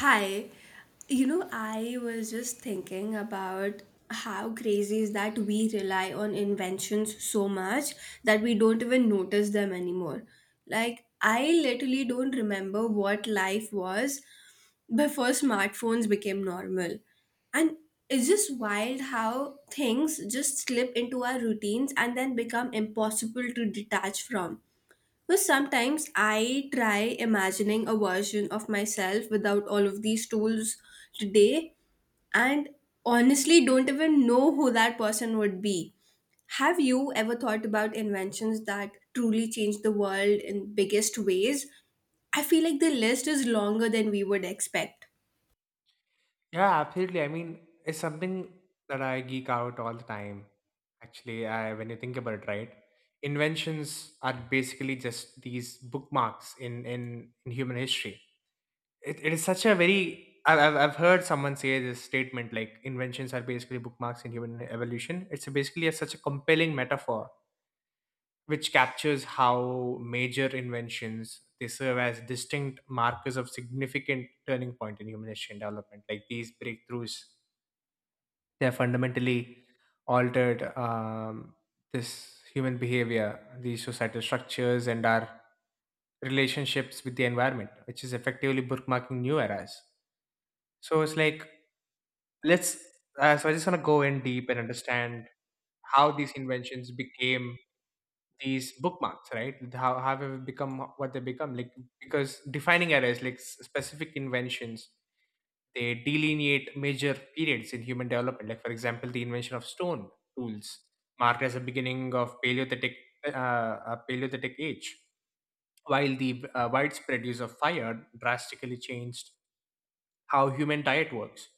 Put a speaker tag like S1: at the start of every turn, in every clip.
S1: Hi, you know, I was just thinking about how crazy is that we rely on inventions so much that we don't even notice them anymore. Like, I literally don't remember what life was before smartphones became normal. And it's just wild how things just slip into our routines and then become impossible to detach from. But sometimes I try imagining a version of myself without all of these tools today and honestly don't even know who that person would be. Have you ever thought about inventions that truly changed the world in biggest ways? I feel like the list is longer than we would expect.
S2: Yeah, absolutely. I mean, it's something that I geek out all the time. Actually, when you think about it, right? Inventions are basically just these bookmarks in human history. It is such a very I've heard someone say this statement, like inventions are basically bookmarks in human evolution. It's basically such a compelling metaphor, which captures how major inventions they serve as distinct markers of significant turning point in human history and development. Like these breakthroughs, they have fundamentally altered this human behavior, these societal structures, and our relationships with the environment, which is effectively bookmarking new eras. So it's like let's. So I just want to go in deep and understand how these inventions became these bookmarks, right? How have they become what they become? Like, because defining eras, like specific inventions. They delineate major periods in human development, like, for example, the invention of stone tools, marked as the beginning of Paleolithic age, while the widespread use of fire drastically changed how human diet works,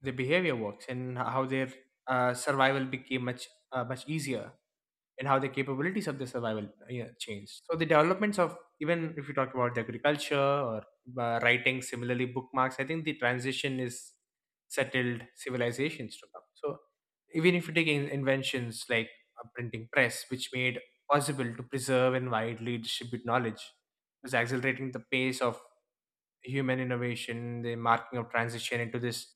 S2: the behavior works, and how their survival became much easier, and how the capabilities of the survival, yeah, changed. So the developments of, even if you talk about the agriculture or writing, similarly bookmarks, I think the transition is settled civilizations to come. So even if you take in inventions like a printing press, which made possible to preserve and widely distribute knowledge, was accelerating the pace of human innovation, the marking of transition into this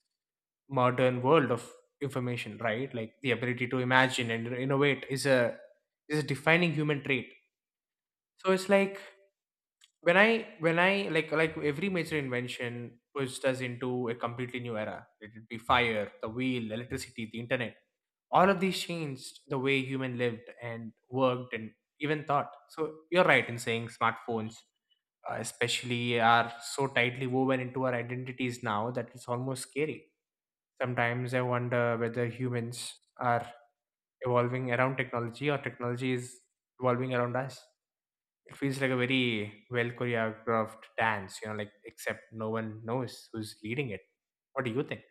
S2: modern world of information, right? Like the ability to imagine and innovate is a defining human trait. So it's like, when I, like, every major invention pushed us into a completely new era. Let it would be fire, the wheel, electricity, the internet. All of these changed the way human lived and worked and even thought. So you're right in saying smartphones especially are so tightly woven into our identities now that it's almost scary. Sometimes I wonder whether humans are evolving around technology or technology is evolving around us. It feels like a very well choreographed dance, like except no one knows who's leading it. What do you think?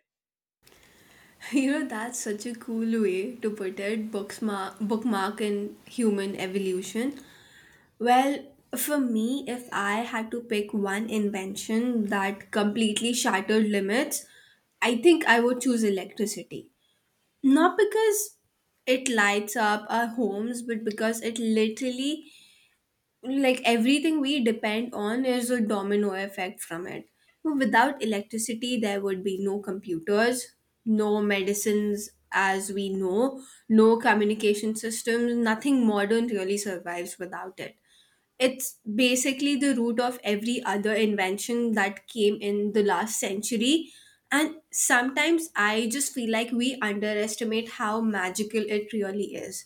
S1: You know, that's such a cool way to put it, bookmark, bookmark in human evolution. Well, for me, if I had to pick one invention that completely shattered limits, I think I would choose electricity. Not because it lights up our homes, but because it literally, like everything we depend on, is a domino effect from it. Without electricity, there would be no computers, no medicines as we know, no communication systems, nothing modern really survives without it. It's basically the root of every other invention that came in the last century. And sometimes I just feel like we underestimate how magical it really is.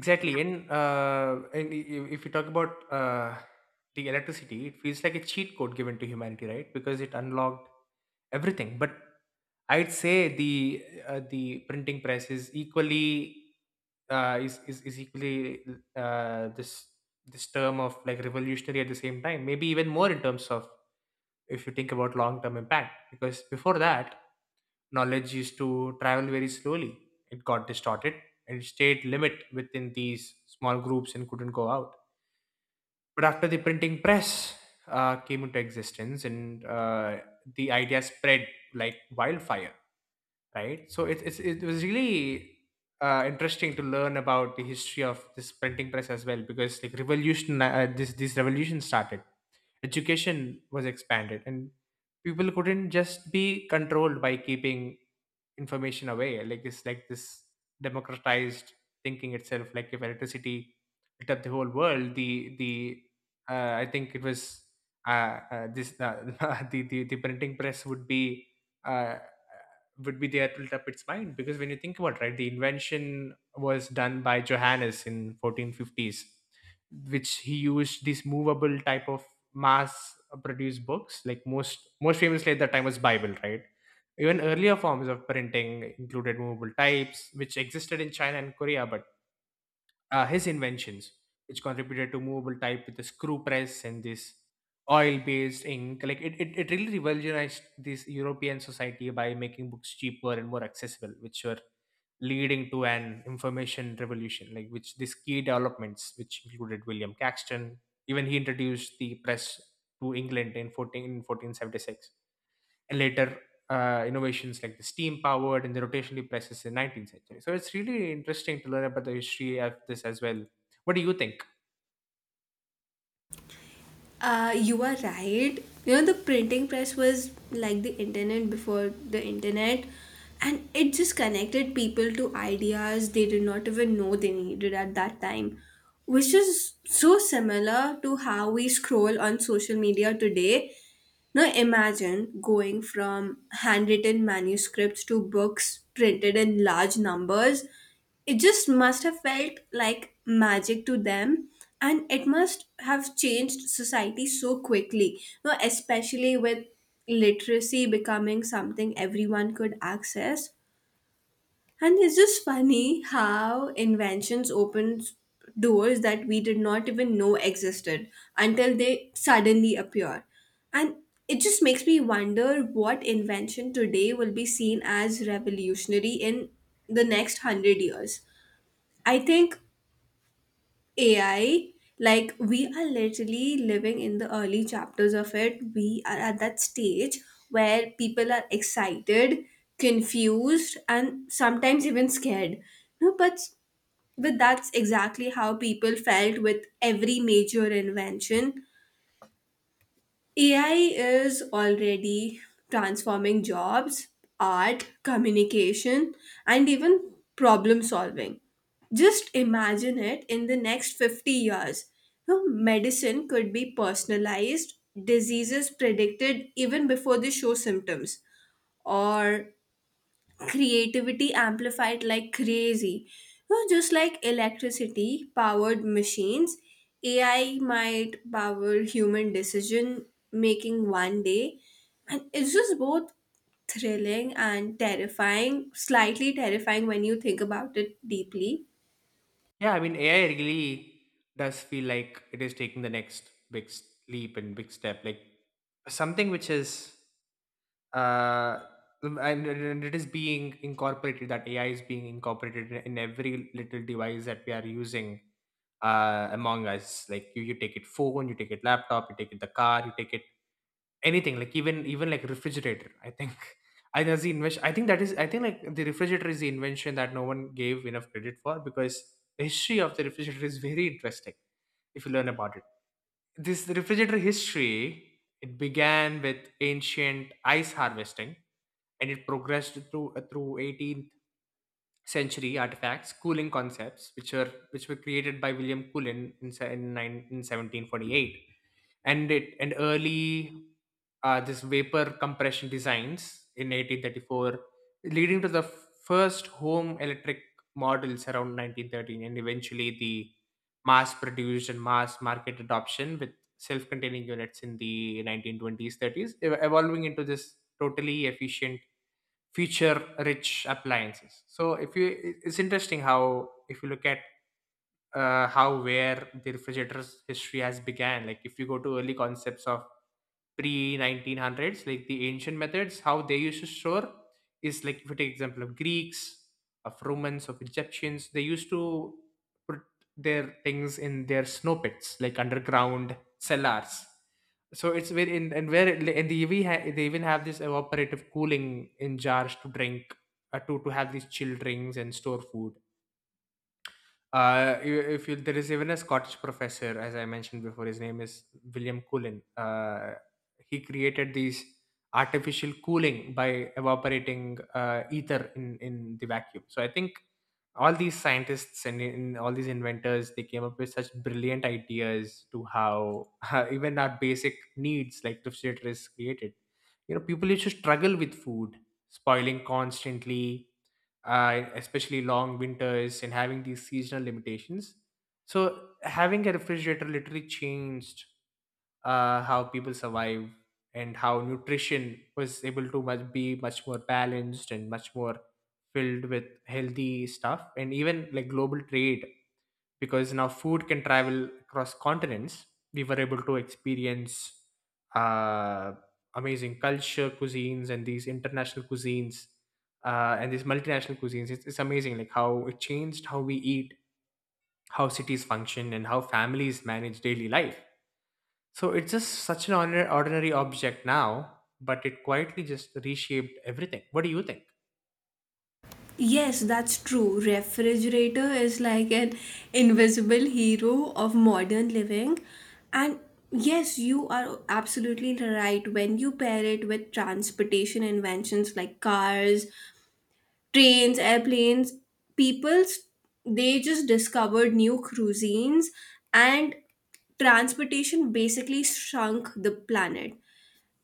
S2: Exactly, and if you talk about the electricity, it feels like a cheat code given to humanity, right? Because it unlocked everything. But I'd say the printing press is equally, uh, is, is is equally uh, this this term of like revolutionary at the same time. Maybe even more in terms of, if you think about long term impact. Because before that, knowledge used to travel very slowly. It got distorted and stayed limit within these small groups and couldn't go out. But after the printing press came into existence, and the idea spread like wildfire, right? So it was really interesting to learn about the history of this printing press as well, because like, revolution this this revolution started, education was expanded, and people couldn't just be controlled by keeping information away, like it's like this democratized thinking itself. Like, if electricity lit up the whole world, the I think it was, this, the printing press uh, uh, would be there to lit up its mind. Because when you think about, right, the invention was done by Johannes in 1450s, which he used these movable type of mass produced books, like most famously at that time was Bible, right? Even earlier forms of printing included movable types, which existed in China and Korea. But his inventions, which contributed to movable type with the screw press and this oil based ink, like it really revolutionized this European society by making books cheaper and more accessible, which were leading to an information revolution, like, which these key developments, which included William Caxton, even he introduced the press to England in 14, in 1476. Later, innovations like the steam powered and the rotationally presses in 19th century. So it's really interesting to learn about the history of this as well. What do you think?
S1: You are right. You know, the printing press was like the internet before the internet, and it just connected people to ideas they did not even know they needed at that time, which is so similar to how we scroll on social media today. Now imagine going from handwritten manuscripts to books printed in large numbers. It just must have felt like magic to them, and it must have changed society so quickly, now, especially with literacy becoming something everyone could access. And it's just funny how inventions opens doors that we did not even know existed until they suddenly appear. And it just makes me wonder what invention today will be seen as revolutionary in the next 100 years. I think AI, like we are literally living in the early chapters of it. We are at that stage where people are excited, confused, and sometimes even scared. No, but that's exactly how people felt with every major invention. AI is already transforming jobs, art, communication, and even problem solving. Just imagine it in the next 50 years. You know, medicine could be personalized, diseases predicted even before they show symptoms, or creativity amplified like crazy. You know, just like electricity powered machines, AI might power human decision making one day. And it's just both thrilling and terrifying, slightly terrifying when you think about it deeply.
S2: Yeah, I mean, AI really does feel like it is taking the next big leap and big step. Like, something which is, uh and it is being incorporated that AI is being incorporated in every little device that we are using among us. Like, you take it phone, you take it laptop, you take it the car, you take it anything. Like, even like refrigerator, I think. I think that's the invention, I think that is, I think, like the refrigerator is the invention that no one gave enough credit for, because the history of the refrigerator is very interesting if you learn about it. This refrigerator history, it began with ancient ice harvesting, and it progressed through 18th century artifacts, cooling concepts, which were created by William Coolin in, in 1748, and early, this vapor compression designs in 1834, leading to the first home electric models around 1913, and eventually the mass-produced and mass-market adoption with self-containing units in the 1920s, 30s, evolving into this totally efficient feature rich appliances. So if you it- it's interesting how, if you look at how where the refrigerator's history has began, like if you go to early concepts of pre-1900s, like the ancient methods how they used to store is, like if you take example of Greeks, of Romans, of Egyptians, they used to put their things in their snow pits, like underground cellars. So it's where in, and where it- and they even, they even have this evaporative cooling in jars to drink, to have these chill drinks and store food. I- if you, There is even a Scottish professor, as I mentioned before. His name is William Cullen. He created these artificial cooling by evaporating ether in the vacuum. So I think all these scientists and all these inventors, they came up with such brilliant ideas to how even our basic needs like the shelter is created. You know, people used to struggle with food, spoiling constantly, especially long winters and having these seasonal limitations. So having a refrigerator literally changed, how people survive and how nutrition was able to much be much more balanced and much more filled with healthy stuff, and even like global trade, because now food can travel across continents. We were able to experience, uh, amazing culture, cuisines, and these international cuisines, and these multinational cuisines. It's amazing, like how it changed how we eat, how cities function, and how families manage daily life. So it's just such an ordinary, ordinary object now, but it quietly just reshaped everything. What do you think?
S1: Yes, that's true. Refrigerator is like an invisible hero of modern living. And yes, you are absolutely right. When you pair it with transportation inventions like cars, trains, airplanes, people's, they just discovered new cuisines and transportation basically shrunk the planet.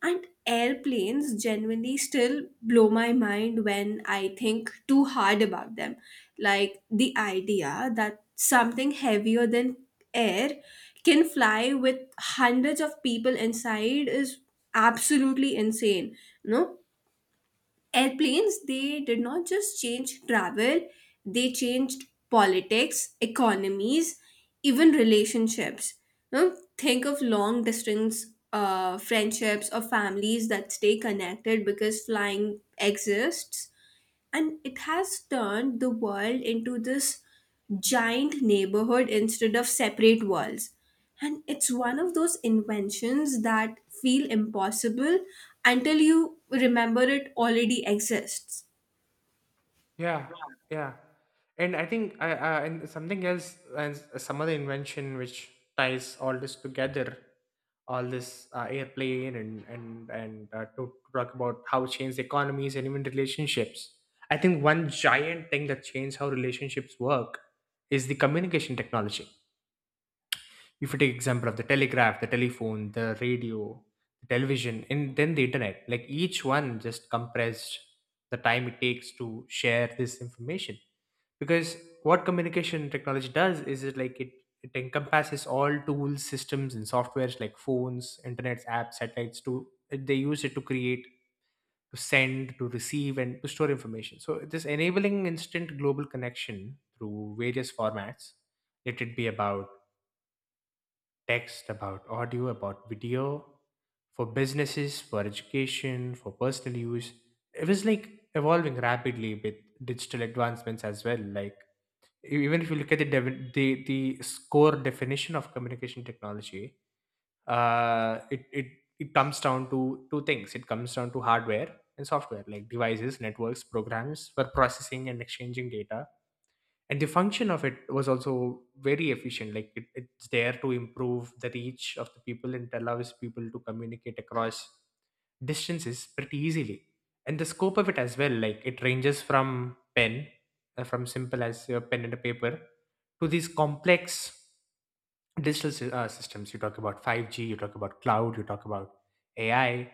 S1: And airplanes genuinely still blow my mind when I think too hard about them. Like the idea that something heavier than air can fly with hundreds of people inside is absolutely insane. No, airplanes, they did not just change travel, they changed politics, economies, even relationships. You know, think of long distance friendships or families that stay connected because flying exists, and it has turned the world into this giant neighborhood instead of separate walls. And it's one of those inventions that feel impossible until you remember it already exists.
S2: Yeah, yeah, and I think, I and something else, and some other invention which ties all this together, all this, airplane, and to talk about how it changed economies and even relationships. I think one giant thing that changed how relationships work is the communication technology. If you take example of the telegraph, the telephone, the radio, the television, and then the internet, like each one just compressed the time it takes to share this information. Because what communication technology does is it like it encompasses all tools, systems, and softwares, like phones, internets, apps, satellites to they use it to create, to send, to receive, and to store information. So this enabling instant global connection through various formats, let it be about text, about audio, about video, for businesses, for education, for personal use. It was like evolving rapidly with digital advancements as well. Like, even if you look at the score definition of communication technology. Uh, it it it comes down to two things. It comes down to hardware and software, like devices, networks, programs for processing and exchanging data. And the function of it was also very efficient, like it's there to improve the reach of the people, and it allows people to communicate across distances pretty easily. And the scope of it as well, like it ranges from pen from simple as your pen and a paper to these complex systems. You talk about 5g, you talk about cloud, you talk about AI.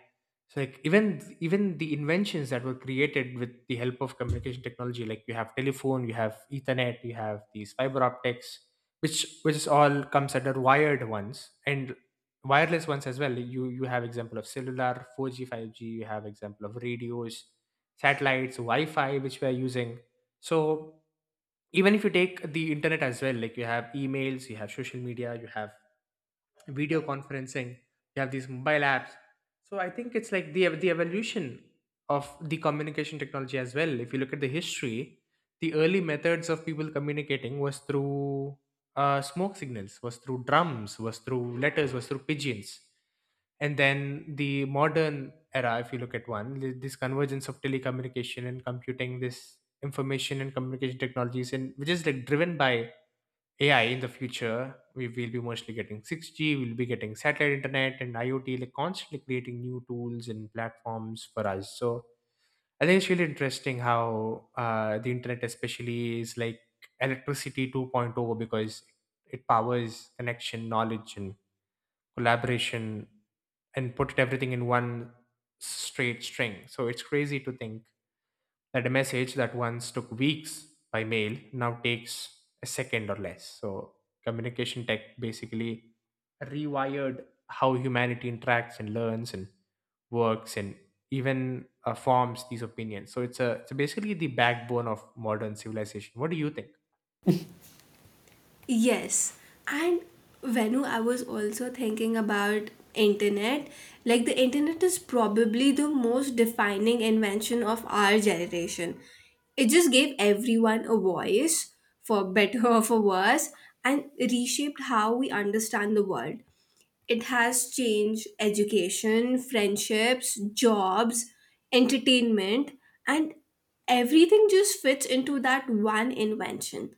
S2: So, like even the inventions that were created with the help of communication technology, like you have telephone, you have ethernet, you have these fiber optics, which is all comes under wired ones, and wireless ones as well. You have example of cellular 4g, 5g, you have example of radios, satellites, wi-fi, which we are using. So even if you take the internet as well, like you have emails, you have social media, you have video conferencing, you have these mobile apps. So I think it's like the evolution of the communication technology as well. If you look at the history, the early methods of people communicating was through smoke signals, was through drums, was through letters, was through pigeons. And then the modern era, if you look at this convergence of telecommunication and computing, this information and communication technologies, and which is like driven by AI. In the future, we will be mostly getting 6G, we'll be getting satellite internet and IoT, like constantly creating new tools and platforms for us. So I think it's really interesting how the internet, especially, is like electricity 2.0 point oh because it powers connection, knowledge, and collaboration, and put everything in one straight string. So it's crazy to think that a message that once took weeks by mail now takes a second or less. So communication tech basically rewired how humanity interacts and learns and works and even forms these opinions. So it's basically the backbone of modern civilization. What do you think?
S1: Yes, and Venu, I was also thinking about internet. Like the internet is probably the most defining invention of our generation. It just gave everyone a voice, for better or for worse, and reshaped how we understand the world. It has changed education, friendships, jobs, entertainment, and everything just fits into that one invention.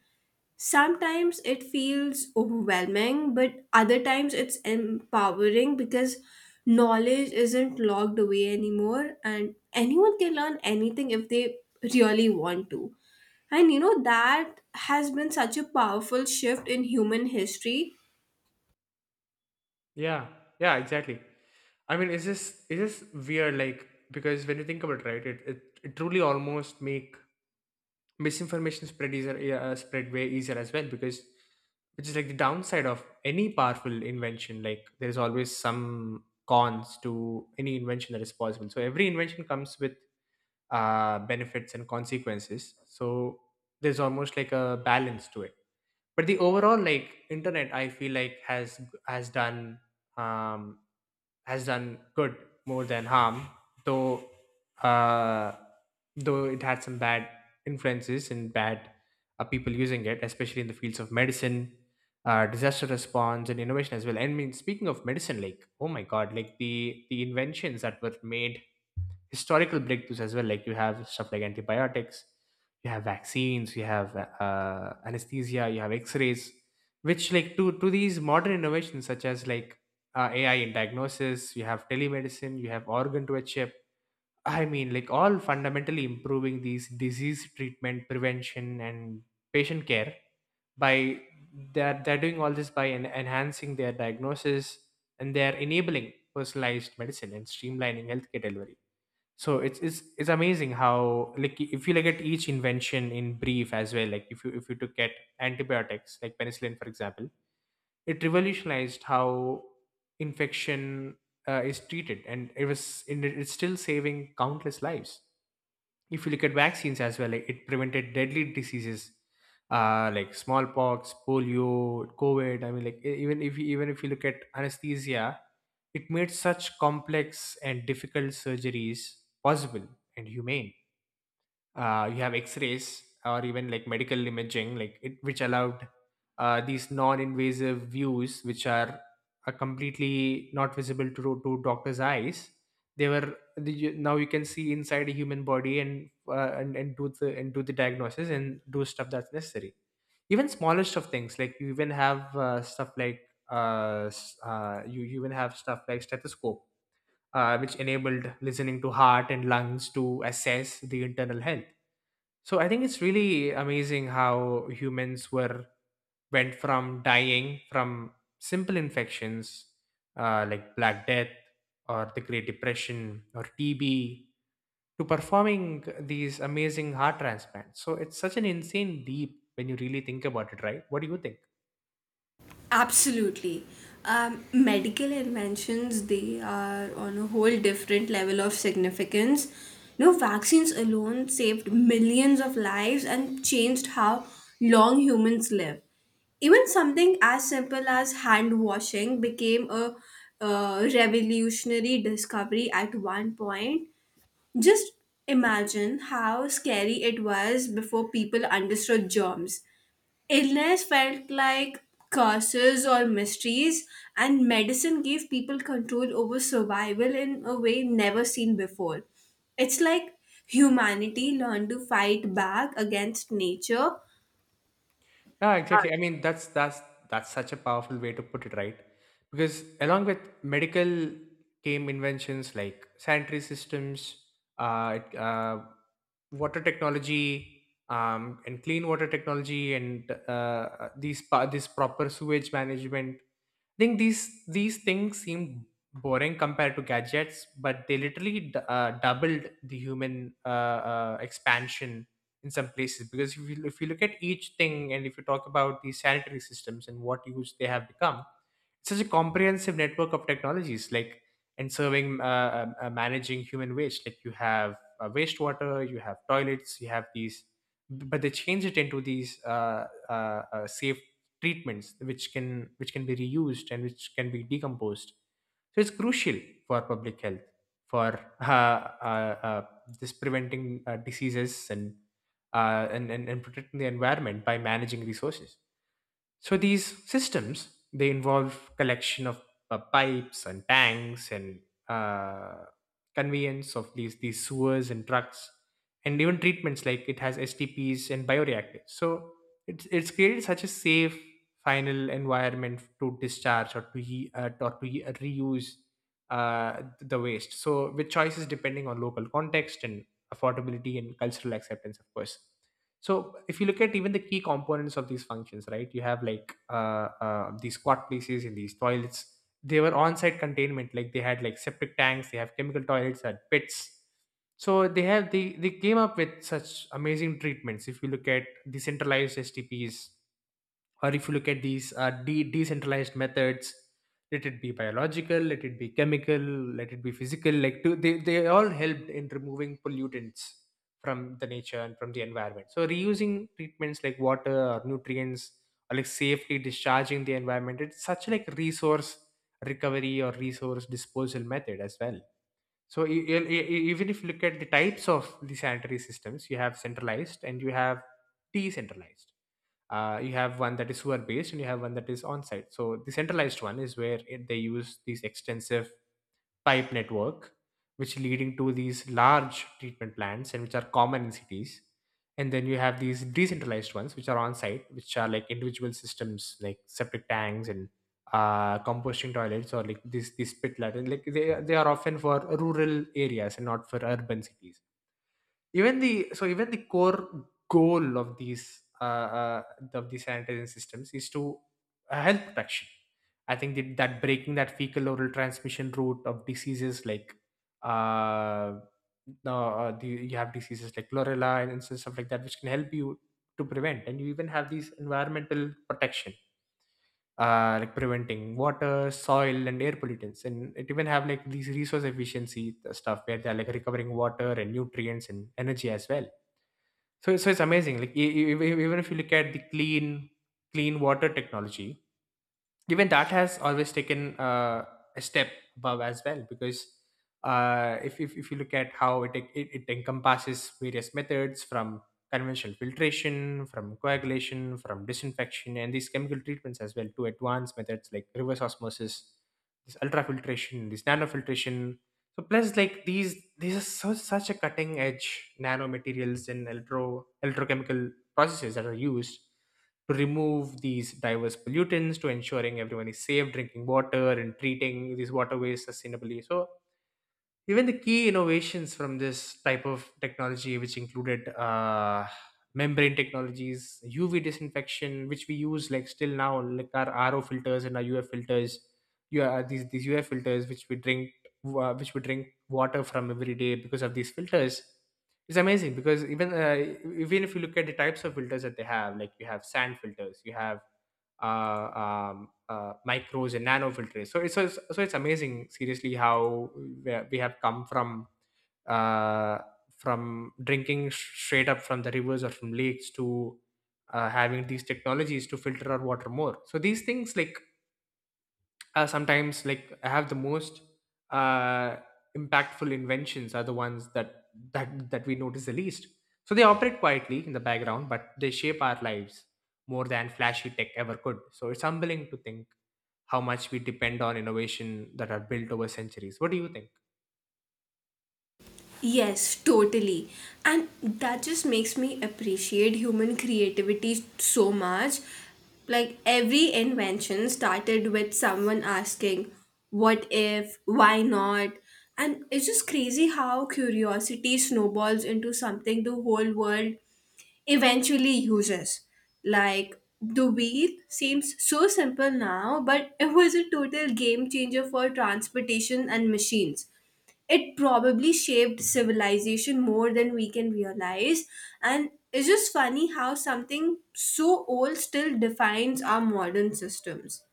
S1: Sometimes it feels overwhelming, but other times it's empowering because knowledge isn't locked away anymore and anyone can learn anything if they really want to. And you know, that has been such a powerful shift in human history.
S2: Yeah, yeah, exactly. I mean, it's just weird, like, because when you think about it, right, it truly almost make misinformation spread easier, yeah, spread way easier as well. Because which is like the downside of any powerful invention, like there's always some cons to any invention that is possible. So every invention comes with benefits and consequences, so there's almost like a balance to it. But the overall, like, internet, I feel like has has done um, has done good more than harm, though uh, though it had some bad influences and bad people using it, especially in the fields of medicine, disaster response, and innovation as well. And I mean, speaking of medicine, like, oh my god, like the inventions that were made, historical breakthroughs as well. Like you have stuff like antibiotics, you have vaccines, you have anesthesia, you have X-rays, which like to these modern innovations such as like AI in diagnosis, you have telemedicine, you have organ to a chip. I mean, like all fundamentally improving these disease treatment, prevention, and patient care by they're doing all this by enhancing their diagnosis, and they're enabling personalized medicine and streamlining healthcare delivery. So it's amazing how, like, if you look at each invention in brief as well, like if you took at antibiotics like penicillin for example, it revolutionized how infection is treated, and it was and it's still saving countless lives. If you look at vaccines as well, like, it prevented deadly diseases like smallpox, polio, COVID. I mean, like even if you look at anesthesia, it made such complex and difficult surgeries possible and humane. You have x-rays or even like medical imaging, like it, which allowed these non-invasive views which are completely not visible to doctors eyes. They were now you can see inside a human body, and and do the diagnosis and do stuff that's necessary. Even smaller stuff things, like you even have stuff like s- you, you even have stuff like stethoscope, which enabled listening to heart and lungs to assess the internal health. So I think it's really amazing how humans were, went from dying from simple infections, like Black Death or the Great Depression or TB, to performing these amazing heart transplants. So it's such an insane leap when you really think about it, right? What do you think?
S1: Absolutely. Medical inventions, they are on a whole different level of significance. No, vaccines alone saved millions of lives and changed how long humans live. Even something as simple as hand washing became a revolutionary discovery at one point. Just imagine how scary it was before people understood germs, illness felt like curses or mysteries, and medicine gave people control over survival in a way never seen before. It's like humanity learned to fight back against nature.
S2: Yeah, exactly. I mean, that's such a powerful way to put it, right? Because along with medical came inventions like sanitary systems, uh, it- uh, water technology, and clean water technology, and this proper sewage management. I think these things seem boring compared to gadgets, but they literally doubled the human expansion in some places. Because if you look at each thing, and if you talk about the sanitary systems and what use they have become, it's such a comprehensive network of technologies, like, and serving managing human waste. Like you have wastewater, you have toilets, you have these, but they change it into these safe treatments, which can be reused and which can be decomposed. So it's crucial for public health, for this preventing diseases, and and protecting the environment by managing resources. So these systems, they involve collection of pipes and tanks and uh, conveyance of these sewers and trucks, and even treatments, like it has STPs and bioreactors. So it's created such a safe final environment to discharge or to re- reuse the waste. So with choices depending on local context and affordability and cultural acceptance, of course. So if you look at even the key components of these functions, right, you have like these squat places in these toilets. They were on-site containment, like they had like septic tanks, they have chemical toilets, had pits. So they have, they came up with such amazing treatments. If you look at the centralized STPs, or if you look at these decentralized methods, let it be biological, let it be chemical, let it be physical, like to, they all helped in removing pollutants from the nature and from the environment. So reusing treatments like water or nutrients, or like safely discharging the environment, it's such like resource recovery or resource disposal method as well. So even if you look at the types of the sanitary systems, you have centralized and you have decentralized. You have one that is sewer based and you have one that is on site. So the centralized one is where it, they use these extensive pipe network, which leading to these large treatment plants, and which are common in cities. And then you have these decentralized ones which are on site, which are like individual systems like septic tanks and composting toilets, or like this these pit latrines. Like they are often for rural areas and not for urban cities. Even the, so even the core goal of these sanitizing systems is to health protection. I think that, that breaking that fecal oral transmission route of diseases, like uh, no, the, you have diseases like chlorella and so, stuff like that, which can help you to prevent. And you even have these environmental protection, like preventing water, soil, and air pollutants. And it even have like these resource efficiency stuff, where they're like recovering water and nutrients and energy as well. So so it's amazing. Like even if you look at the clean water technology, even that has always taken a step above as well. Because if you look at how it encompasses various methods, from conventional filtration, from coagulation, from disinfection, and these chemical treatments as well, to advanced methods like reverse osmosis, this ultrafiltration, this nanofiltration. So plus, like, these are so, such a cutting edge nanomaterials and electrochemical processes that are used to remove these diverse pollutants, to ensuring everyone is safe drinking water and treating these waterways sustainably. So even the key innovations from this type of technology, which included membrane technologies, UV disinfection, which we use like still now, like our RO filters and our UF filters. You are these UF filters, which we drink water from every day because of these filters. It's amazing, because even even if you look at the types of filters that they have, like you have sand filters, you have uh, micros and nano filters. So it's so it's amazing, seriously, how we have come uh, from drinking straight up from the rivers or from lakes to having these technologies to filter our water more. So these things, like, sometimes, like, I have the most uh, impactful inventions are the ones that that we notice the least. So they operate quietly in the background, but they shape our lives more than flashy tech ever could. So it's humbling to think how much we depend on innovation that are built over centuries. What do you think?
S1: Yes, totally. And that just makes me appreciate human creativity so much. Like every invention started with someone asking, what if, why not? And it's just crazy how curiosity snowballs into something the whole world eventually uses. Like the wheel seems so simple now, but it was a total game changer for transportation and machines. It probably shaped civilization more than we can realize, and it's just funny how something so old still defines our modern systems.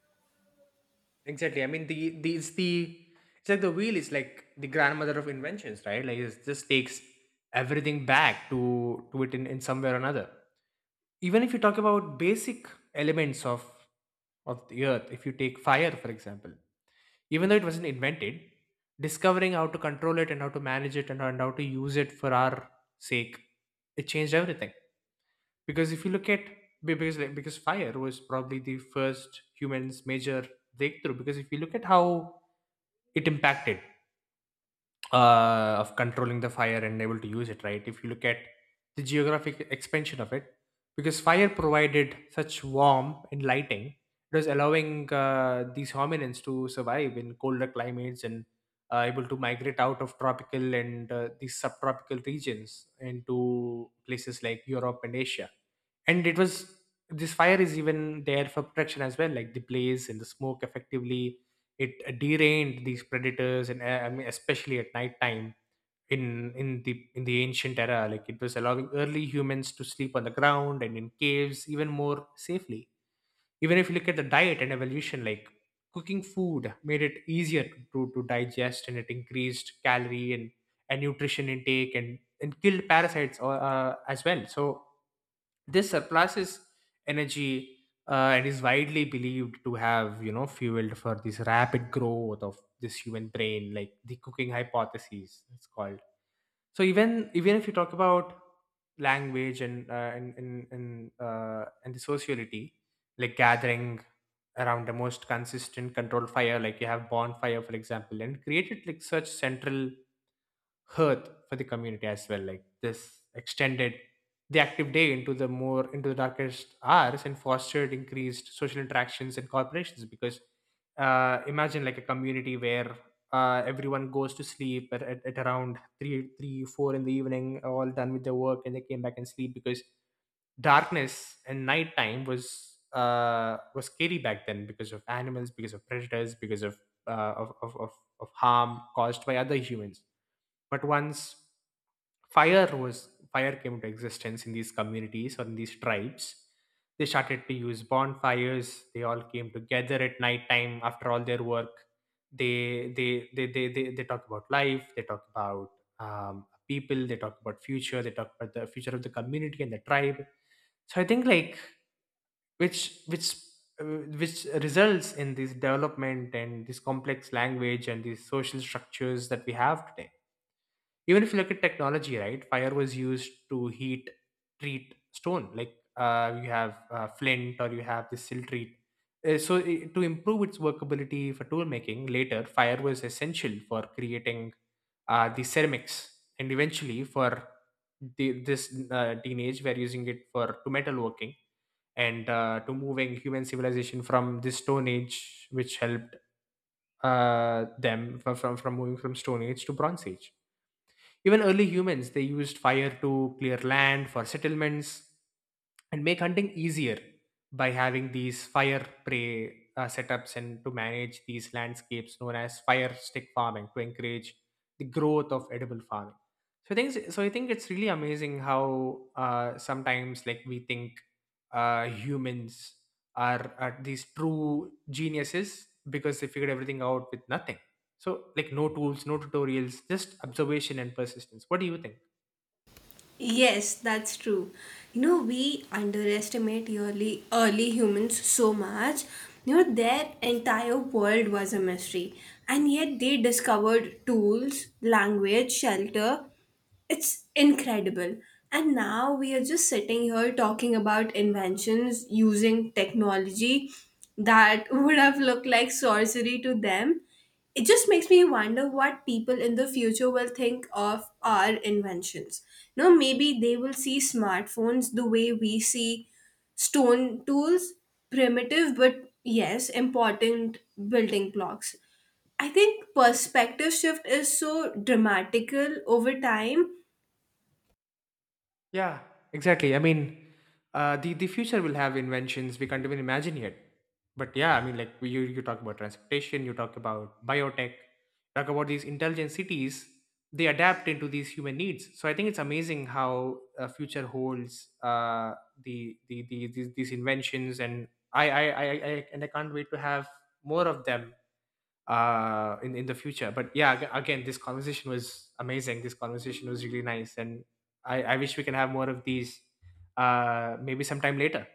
S2: Exactly. I mean, the it's like the wheel is like the grandmother of inventions, right? Like it just takes everything back to it in some way or another. Even if you talk about basic elements of the earth, if you take fire, for example. Even though it wasn't invented, discovering how to control it and how to manage it and how to use it for our sake, it changed everything. Because if you look at because fire was probably the first humans major breakthrough, because if you look at how it impacted, of controlling the fire and able to use it, right? If you look at the geographic expansion of it, because fire provided such warmth and lighting, it was allowing these hominins to survive in colder climates and able to migrate out of tropical and these subtropical regions into places like Europe and Asia. And it was, this fire is even there for protection as well, like the blaze and the smoke effectively, it derained these predators, and I mean, especially at nighttime in the ancient era, like it was allowing early humans to sleep on the ground and in caves even more safely. Even if you look at the diet and evolution, like cooking food made it easier to digest, and it increased calorie and nutrition intake and killed parasites as well. So this surpluses energy and is widely believed to have fueled for this rapid growth of this human brain, like the cooking hypothesis it's called. So even if you talk about language and and the sociality, like gathering around the most consistent controlled fire, like you have bonfire for example, and created like such central hearth for the community as well, like this extended the active day into the more into the darkest hours and fostered increased social interactions and corporations. Because imagine like a community where everyone goes to sleep at around three 4 in the evening, all done with their work, and they came back and sleep, because darkness and nighttime was scary back then, because of animals, because of predators, because of uh, of, of, of, harm caused by other humans. But once fire came into existence in these communities or in these tribes, they started to use bonfires. They all came together at night time after all their work. They talk about life. They talk about people. They talk about future. They talk about the future of the community and the tribe. So I think, like, which which which results in this development and this complex language and these social structures that we have today. Even if you look at technology, right, fire was used to heat treat stone, like you have flint or you have the silt treat. To improve its workability for tool making, later fire was essential for creating the ceramics and eventually for the, this teenage we're using it for to metalworking, and to moving human civilization from this stone age, which helped uh, them from moving from stone age to bronze age. Even early humans, they used fire to clear land for settlements and make hunting easier, by having these fire prey setups and to manage these landscapes, known as fire stick farming, to encourage the growth of edible farming. So. I think it's really amazing how sometimes, like, we think humans are these true geniuses because they figured everything out with nothing. So, like, no tools, no tutorials, just observation and persistence. What do you think?
S1: Yes, that's true. You know, we underestimate early humans so much. You know, their entire world was a mystery, and yet they discovered tools, language, shelter. It's incredible. And now we are just sitting here talking about inventions using technology that would have looked like sorcery to them. It just makes me wonder what people in the future will think of our inventions. You know, maybe they will see smartphones the way we see stone tools, primitive but yes, important building blocks. I think perspective shift is so dramatical over time.
S2: Yeah, exactly. I mean, the future will have inventions we can't even imagine yet. But yeah, I mean, like you talk about transportation, you talk about biotech, talk about these intelligent cities. They adapt into these human needs. So I think it's amazing how future holds these inventions, and I- and I can't wait to have more of them in the future. But yeah, again, this conversation was amazing, this conversation was really nice, and I wish we can have more of these, maybe sometime later.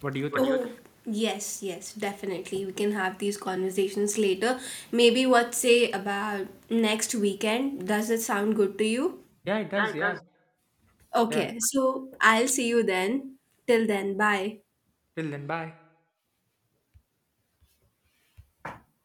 S2: What do you
S1: What do
S2: think?
S1: you, oh, think? Yes, yes, definitely. We can have these conversations later. Maybe what say about next weekend? Does it sound good to you?
S2: Yeah, it does.
S1: Yeah, it
S2: Yeah.
S1: does.
S2: Yeah,
S1: Okay, so I'll see you then. Till then, bye.
S2: till then, bye.